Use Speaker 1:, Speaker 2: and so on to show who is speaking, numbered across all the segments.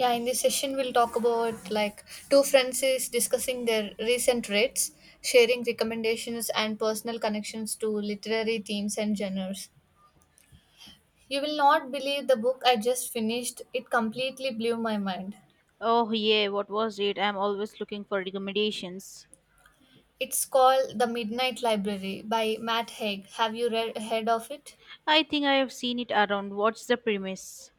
Speaker 1: Yeah, in this session, we'll talk about like two friends is discussing their recent reads, sharing recommendations and personal connections to literary themes and genres. You will not believe the book I just finished. It completely blew my mind.
Speaker 2: Oh, yeah, what was it? I'm always looking for recommendations.
Speaker 1: It's called The Midnight Library by Matt Haig. Have you read heard of it?
Speaker 2: I think I have seen it around. What's the premise?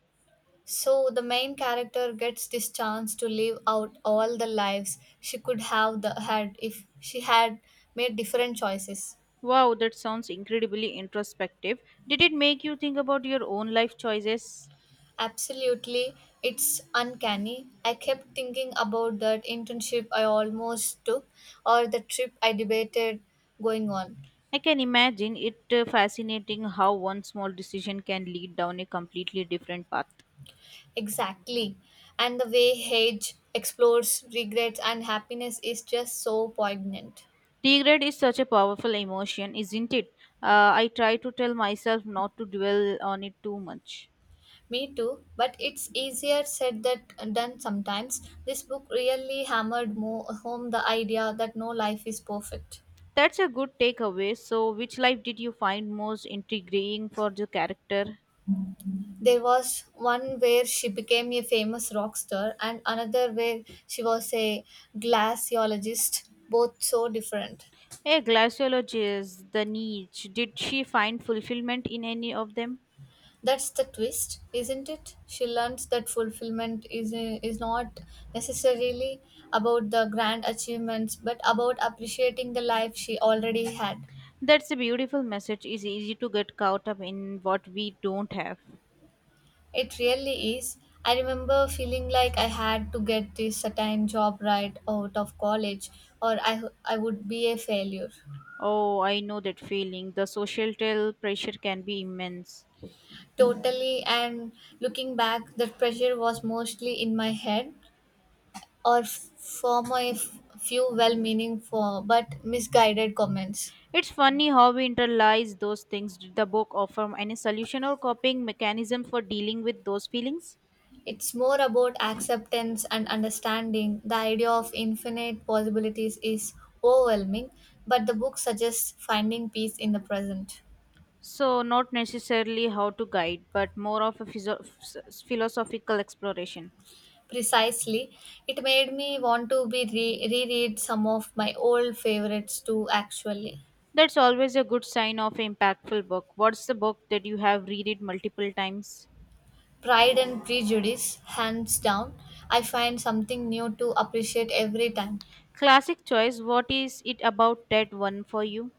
Speaker 1: So the main character gets this chance to live out all the lives she could have had if she had made different choices.
Speaker 2: Wow, that sounds incredibly introspective. Did it make you think about your own life choices?
Speaker 1: Absolutely, it's uncanny. I kept thinking about that internship I almost took or the trip I debated going on.
Speaker 2: I can imagine it fascinating how one small decision can lead down a completely different path.
Speaker 1: Exactly. And the way Hage explores regrets and happiness is just so poignant.
Speaker 2: Regret is such a powerful emotion, isn't it? I try to tell myself not to dwell on it too much.
Speaker 1: Me too, but it's easier said than done sometimes. This book really hammered more home the idea that no life is perfect.
Speaker 2: That's a good takeaway. So, which life did you find most intriguing for the character?
Speaker 1: There was one where she became a famous rock star, and another where she was a glaciologist, both so different.
Speaker 2: A glaciologist, the niche. Did she find fulfillment in any of them?
Speaker 1: That's the twist, isn't it? She learns that fulfillment is not necessarily about the grand achievements, but about appreciating the life she already had.
Speaker 2: That's a beautiful message. It's easy to get caught up in what we don't have.
Speaker 1: It really is. I remember feeling like I had to get this certain job right out of college, or I would be a failure.
Speaker 2: Oh, I know that feeling. The societal pressure can be immense.
Speaker 1: Totally, and looking back, that pressure was mostly in my head or for my few well meaning for but misguided comments.
Speaker 2: It's funny how we internalize those things. Did the book offer any solution or coping mechanism for dealing with those feelings?
Speaker 1: It's more about acceptance and understanding. The idea of infinite possibilities is overwhelming, but the book suggests finding peace in the present.
Speaker 2: So, not necessarily how to guide, but more of a philosophical exploration.
Speaker 1: Precisely, it made me want to reread some of my old favorites too, actually.
Speaker 2: That's always a good sign of an impactful book. What's the book that you have read it multiple times?
Speaker 1: Pride and Prejudice, hands down, I find something new to appreciate every time.
Speaker 2: Classic choice. What is it about that one for you?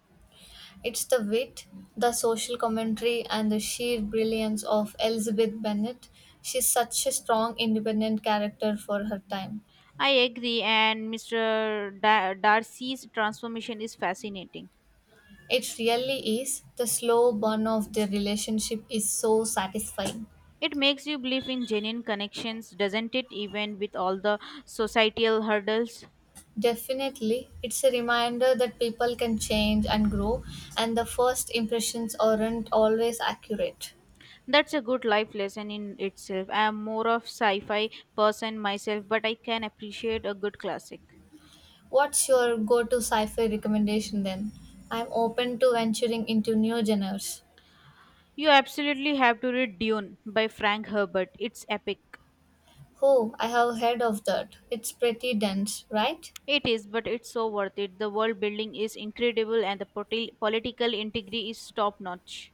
Speaker 1: It's the wit, the social commentary, and the sheer brilliance of Elizabeth Bennet. She's such a strong, independent character for her time.
Speaker 2: I agree, and Mr. Darcy's transformation is fascinating.
Speaker 1: It really is. The slow burn of their relationship is so satisfying.
Speaker 2: It makes you believe in genuine connections, doesn't it? Even with all the societal hurdles.
Speaker 1: Definitely, it's a reminder that people can change and grow, and the first impressions aren't always accurate.
Speaker 2: That's a good life lesson in itself. I am more of sci-fi person myself, but I can appreciate a good classic.
Speaker 1: What's your go to sci fi recommendation then? I'm open to venturing into new genres.
Speaker 2: You absolutely have to read Dune by Frank Herbert. It's epic.
Speaker 1: Oh, I have heard of that. It's pretty dense, right?
Speaker 2: It is, but it's so worth it. The world building is incredible and the political integrity is top notch.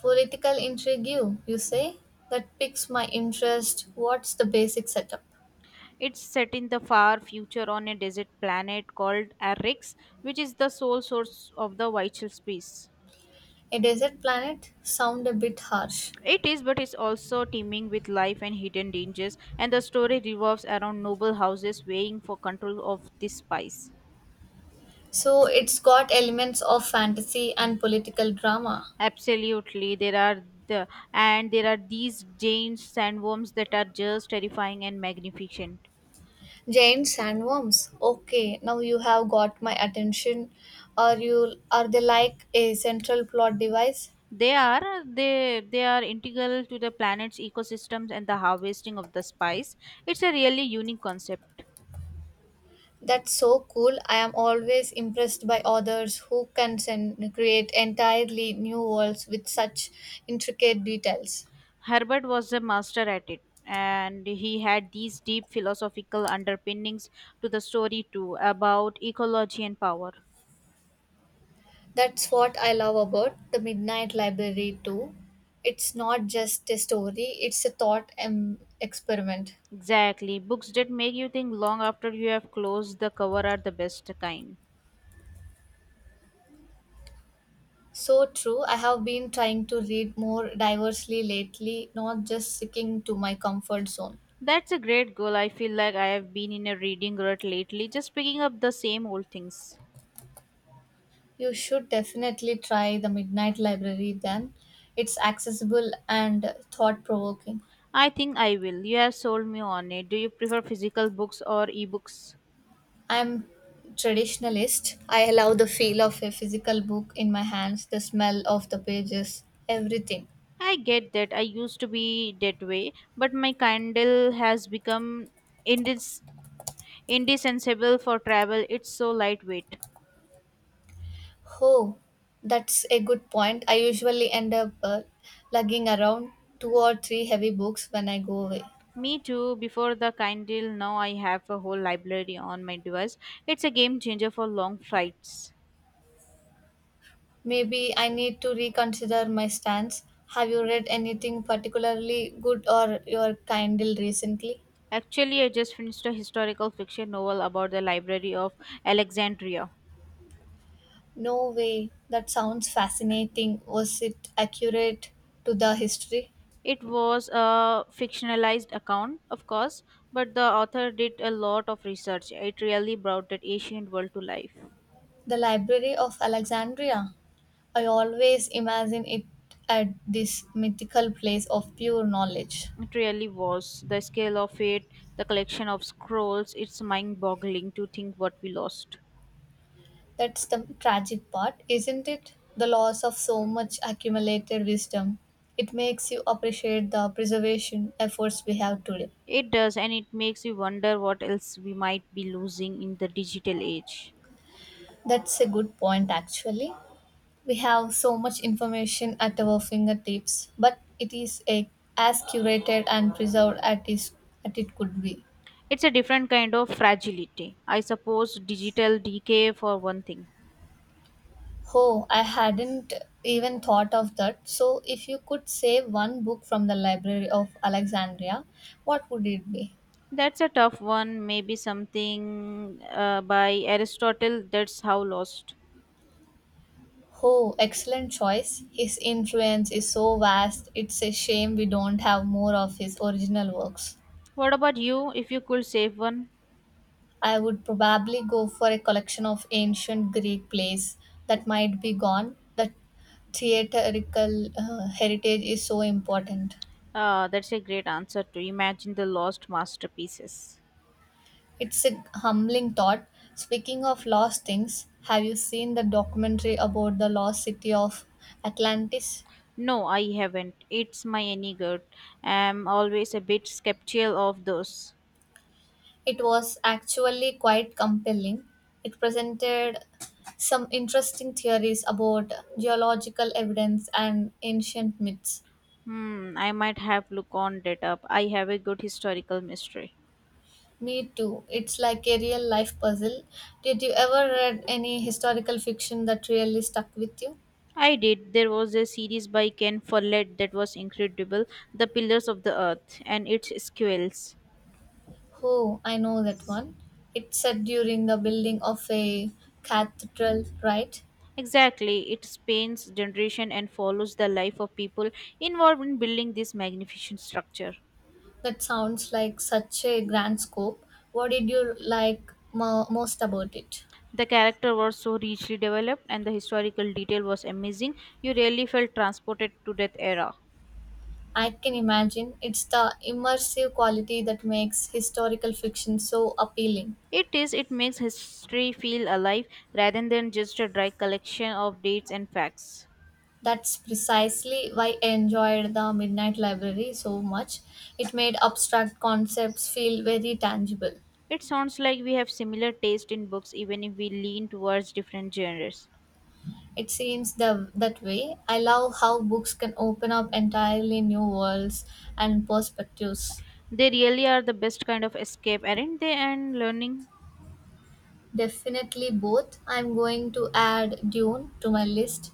Speaker 1: Political intrigue, you say? That piques my interest. What's the basic setup?
Speaker 2: It's set in the far future on a desert planet called Arrix, which is the sole source of the vital space.
Speaker 1: A desert planet? Sound a bit harsh.
Speaker 2: It is, but it's also teeming with life and hidden dangers, and the story revolves around noble houses vying for control of this spice.
Speaker 1: So it's got elements of fantasy and political drama.
Speaker 2: Absolutely, there are the and there are these giant sandworms that are just terrifying and magnificent.
Speaker 1: Giant sandworms. Okay, now you have got my attention. Are they like a central plot device?
Speaker 2: They are integral to the planet's ecosystems and the harvesting of the spice. It's a really unique concept.
Speaker 1: That's so cool. I am always impressed by authors who can create entirely new worlds with such intricate details.
Speaker 2: Herbert was a master at it, and he had these deep philosophical underpinnings to the story too about ecology and power.
Speaker 1: That's what I love about The Midnight Library, too. It's not just a story, it's a thought experiment.
Speaker 2: Exactly. Books that make you think long after you have closed the cover are the best kind.
Speaker 1: So true. I have been trying to read more diversely lately, not just sticking to my comfort zone.
Speaker 2: That's a great goal. I feel like I have been in a reading rut lately, just picking up the same old things.
Speaker 1: You should definitely try The Midnight Library then. It's accessible and thought provoking.
Speaker 2: I think I will. You have sold me on it. Do you prefer physical books or ebooks?
Speaker 1: I'm traditionalist. I allow the feel of a physical book in my hands, the smell of the pages, everything.
Speaker 2: I get that. I used to be that way, but my candle has become indis- indispensable for travel, it's so lightweight.
Speaker 1: Oh, that's a good point. I usually end up lugging around two or three heavy books when I go away.
Speaker 2: Me too, before the kind deal, now I have a whole library on my device. It's a game changer for long flights.
Speaker 1: Maybe I need to reconsider my stance. Have you read anything particularly good or your kindle recently?
Speaker 2: Actually, I just finished a historical fiction novel about the Library of Alexandria.
Speaker 1: No way. That sounds fascinating. Was it accurate to the history?
Speaker 2: It was a fictionalized account, of course, but the author did a lot of research. It really brought that ancient world to life.
Speaker 1: The Library of Alexandria. I always imagine it at this mythical place of pure knowledge.
Speaker 2: It really was. The scale of it, the collection of scrolls, it's mind boggling to think what we lost.
Speaker 1: That's the tragic part, isn't it? The loss of so much accumulated wisdom. It makes you appreciate the preservation efforts we have today.
Speaker 2: It does, and it makes you wonder what else we might be losing in the digital age.
Speaker 1: That's a good point, actually. We have so much information at our fingertips, but as curated and preserved as it could be.
Speaker 2: It's a different kind of fragility. I suppose digital decay, for one thing.
Speaker 1: Oh, I hadn't even thought of that. So, if you could save one book from the Library of Alexandria, what would it be?
Speaker 2: That's a tough one, maybe something by Aristotle, that's how lost.
Speaker 1: Oh, excellent choice. His influence is so vast, it's a shame we don't have more of his original works.
Speaker 2: What about you, if you could save one?
Speaker 1: I would probably go for a collection of ancient Greek plays that might be gone. That theatrical heritage is so important.
Speaker 2: That's a great answer to imagine the lost masterpieces.
Speaker 1: It's a humbling thought. Speaking of lost things, have you seen the documentary about the lost city of Atlantis?
Speaker 2: No, I haven't. It's my any good. I'm always a bit skeptical of those.
Speaker 1: It was actually quite compelling. It presented some interesting theories about geological evidence and ancient myths.
Speaker 2: Hmm, I might have look on that up. I have a good historical mystery.
Speaker 1: Me too. It's like a real life puzzle. Did you ever read any historical fiction that really stuck with you?
Speaker 2: I did. There was a series by Ken Follett that was incredible, The Pillars of the Earth and its sequels.
Speaker 1: Oh, I know that one. It's set during the building of a cathedral, right?
Speaker 2: Exactly, it spans generation and follows the life of people involved in building this magnificent structure.
Speaker 1: That sounds like such a grand scope. What did you like most about it?
Speaker 2: The character was so richly developed and the historical detail was amazing. You really felt transported to that era.
Speaker 1: I can imagine it's the immersive quality that makes historical fiction so appealing.
Speaker 2: It is, it makes history feel alive rather than just a dry collection of dates and facts.
Speaker 1: That's precisely why I enjoyed the Midnight Library so much. It made abstract concepts feel very tangible.
Speaker 2: It sounds like we have similar taste in books even if we lean towards different genres.
Speaker 1: It seems that way. I love how books can open up entirely new worlds and perspectives.
Speaker 2: They really are the best kind of escape, aren't they? And learning.
Speaker 1: Definitely both. I'm going to add Dune to my list.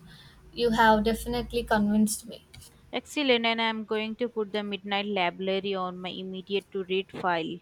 Speaker 1: You have definitely convinced me.
Speaker 2: Excellent, and I'm going to put the Midnight Library on my immediate to read file.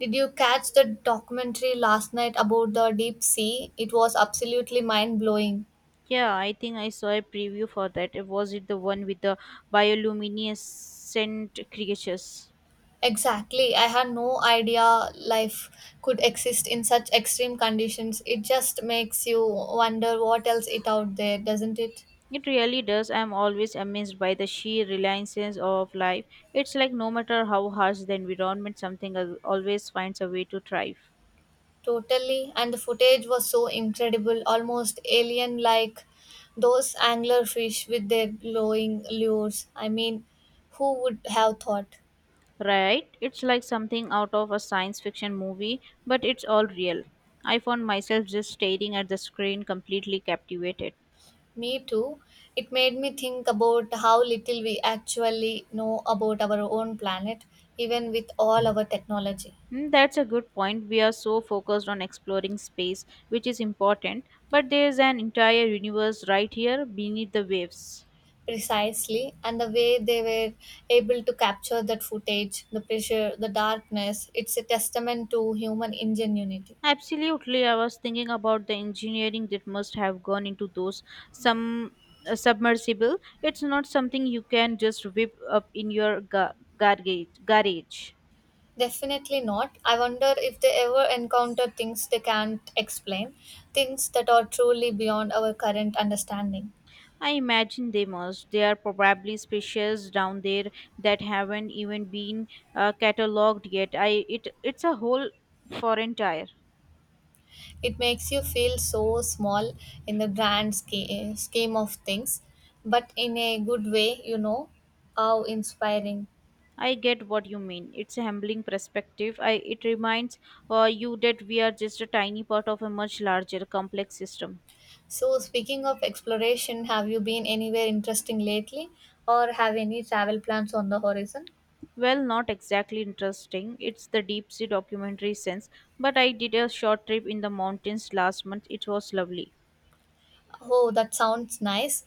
Speaker 1: Did you catch the documentary last night about the deep sea? It was absolutely mind blowing.
Speaker 2: Yeah, I think I saw a preview for that. Was it the one with the bioluminescent creatures?
Speaker 1: Exactly. I had no idea life could exist in such extreme conditions. It just makes you wonder what else is out there, doesn't it?
Speaker 2: It really does. I'm always amazed by the sheer resilience of life. It's like no matter how harsh the environment, something always finds a way to thrive.
Speaker 1: Totally, and the footage was so incredible, almost alien like those anglerfish with their glowing lures. I mean, who would have thought?
Speaker 2: Right? It's like something out of a science fiction movie, but it's all real. I found myself just staring at the screen, completely captivated.
Speaker 1: Me too. It made me think about how little we actually know about our own planet, even with all our technology.
Speaker 2: Hmm, that's a good point. We are so focused on exploring space, which is important, but there's an entire universe right here beneath the waves.
Speaker 1: Precisely, and the way they were able to capture that footage, the pressure, the darkness, it's a testament to human ingenuity.
Speaker 2: Absolutely, I was thinking about the engineering that must have gone into those some submersible. It's not something you can just whip up in your garage. Garage.
Speaker 1: Definitely not. I wonder if they ever encounter things they can't explain, things that are truly beyond our current understanding.
Speaker 2: I imagine they must. They are probably species down there that haven't even been cataloged yet. I It's a whole foreign tire.
Speaker 1: It makes you feel so small in the grand scheme of things, but in a good way, you know. How inspiring.
Speaker 2: I get what you mean. It's a humbling perspective. I it reminds you that we are just a tiny part of a much larger complex system.
Speaker 1: So, speaking of exploration, have you been anywhere interesting lately or have any travel plans on the horizon?
Speaker 2: Well, not exactly interesting. It's the deep sea documentary sense, but I did a short trip in the mountains last month. It was lovely.
Speaker 1: Oh, that sounds nice.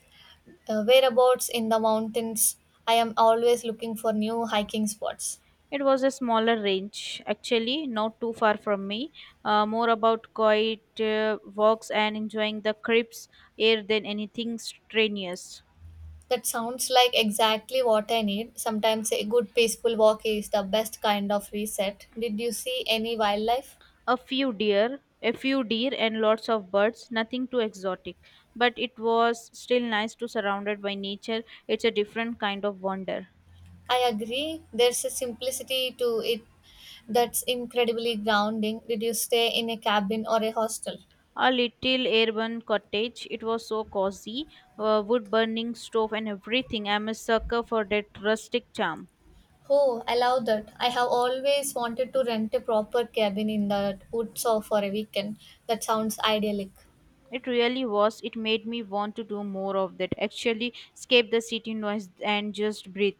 Speaker 1: Whereabouts in the mountains. I am always looking for new hiking spots.
Speaker 2: It was a smaller range, actually, not too far from me. More about quiet walks and enjoying the crisp air than anything strenuous.
Speaker 1: That sounds like exactly what I need. Sometimes a good peaceful walk is the best kind of reset. Did you see any wildlife?
Speaker 2: A few deer, and lots of birds. Nothing too exotic, but it was still nice to surrounded by nature. It's a different kind of wonder.
Speaker 1: I agree. There's a simplicity to it that's incredibly grounding. Did you stay in a cabin or a hostel?
Speaker 2: A little urban cottage. It was so cozy, wood burning stove and everything. I'm a sucker for that rustic charm.
Speaker 1: Oh, I love that. I have always wanted to rent a proper cabin in the woods or for a weekend. That sounds idyllic.
Speaker 2: It really was. It made me want to do more of that. Actually, escape the city noise and just breathe.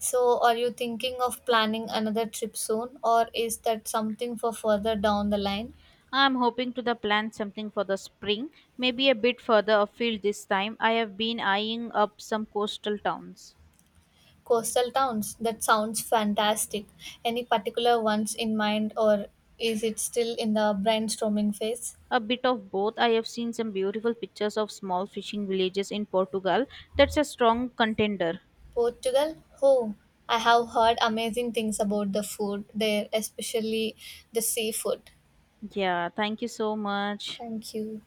Speaker 1: So, are you thinking of planning another trip soon, or is that something for further down the line?
Speaker 2: I'm hoping to the plan something for the spring, maybe a bit further afield this time. I have been eyeing up some coastal towns.
Speaker 1: Coastal towns, that sounds fantastic. Any particular ones in mind, or is it still in the brainstorming phase?
Speaker 2: A bit of both. I have seen some beautiful pictures of small fishing villages in Portugal. That's a strong contender.
Speaker 1: Portugal? Oh, I have heard amazing things about the food there, especially the seafood.
Speaker 2: Yeah, thank you so much.
Speaker 1: Thank you.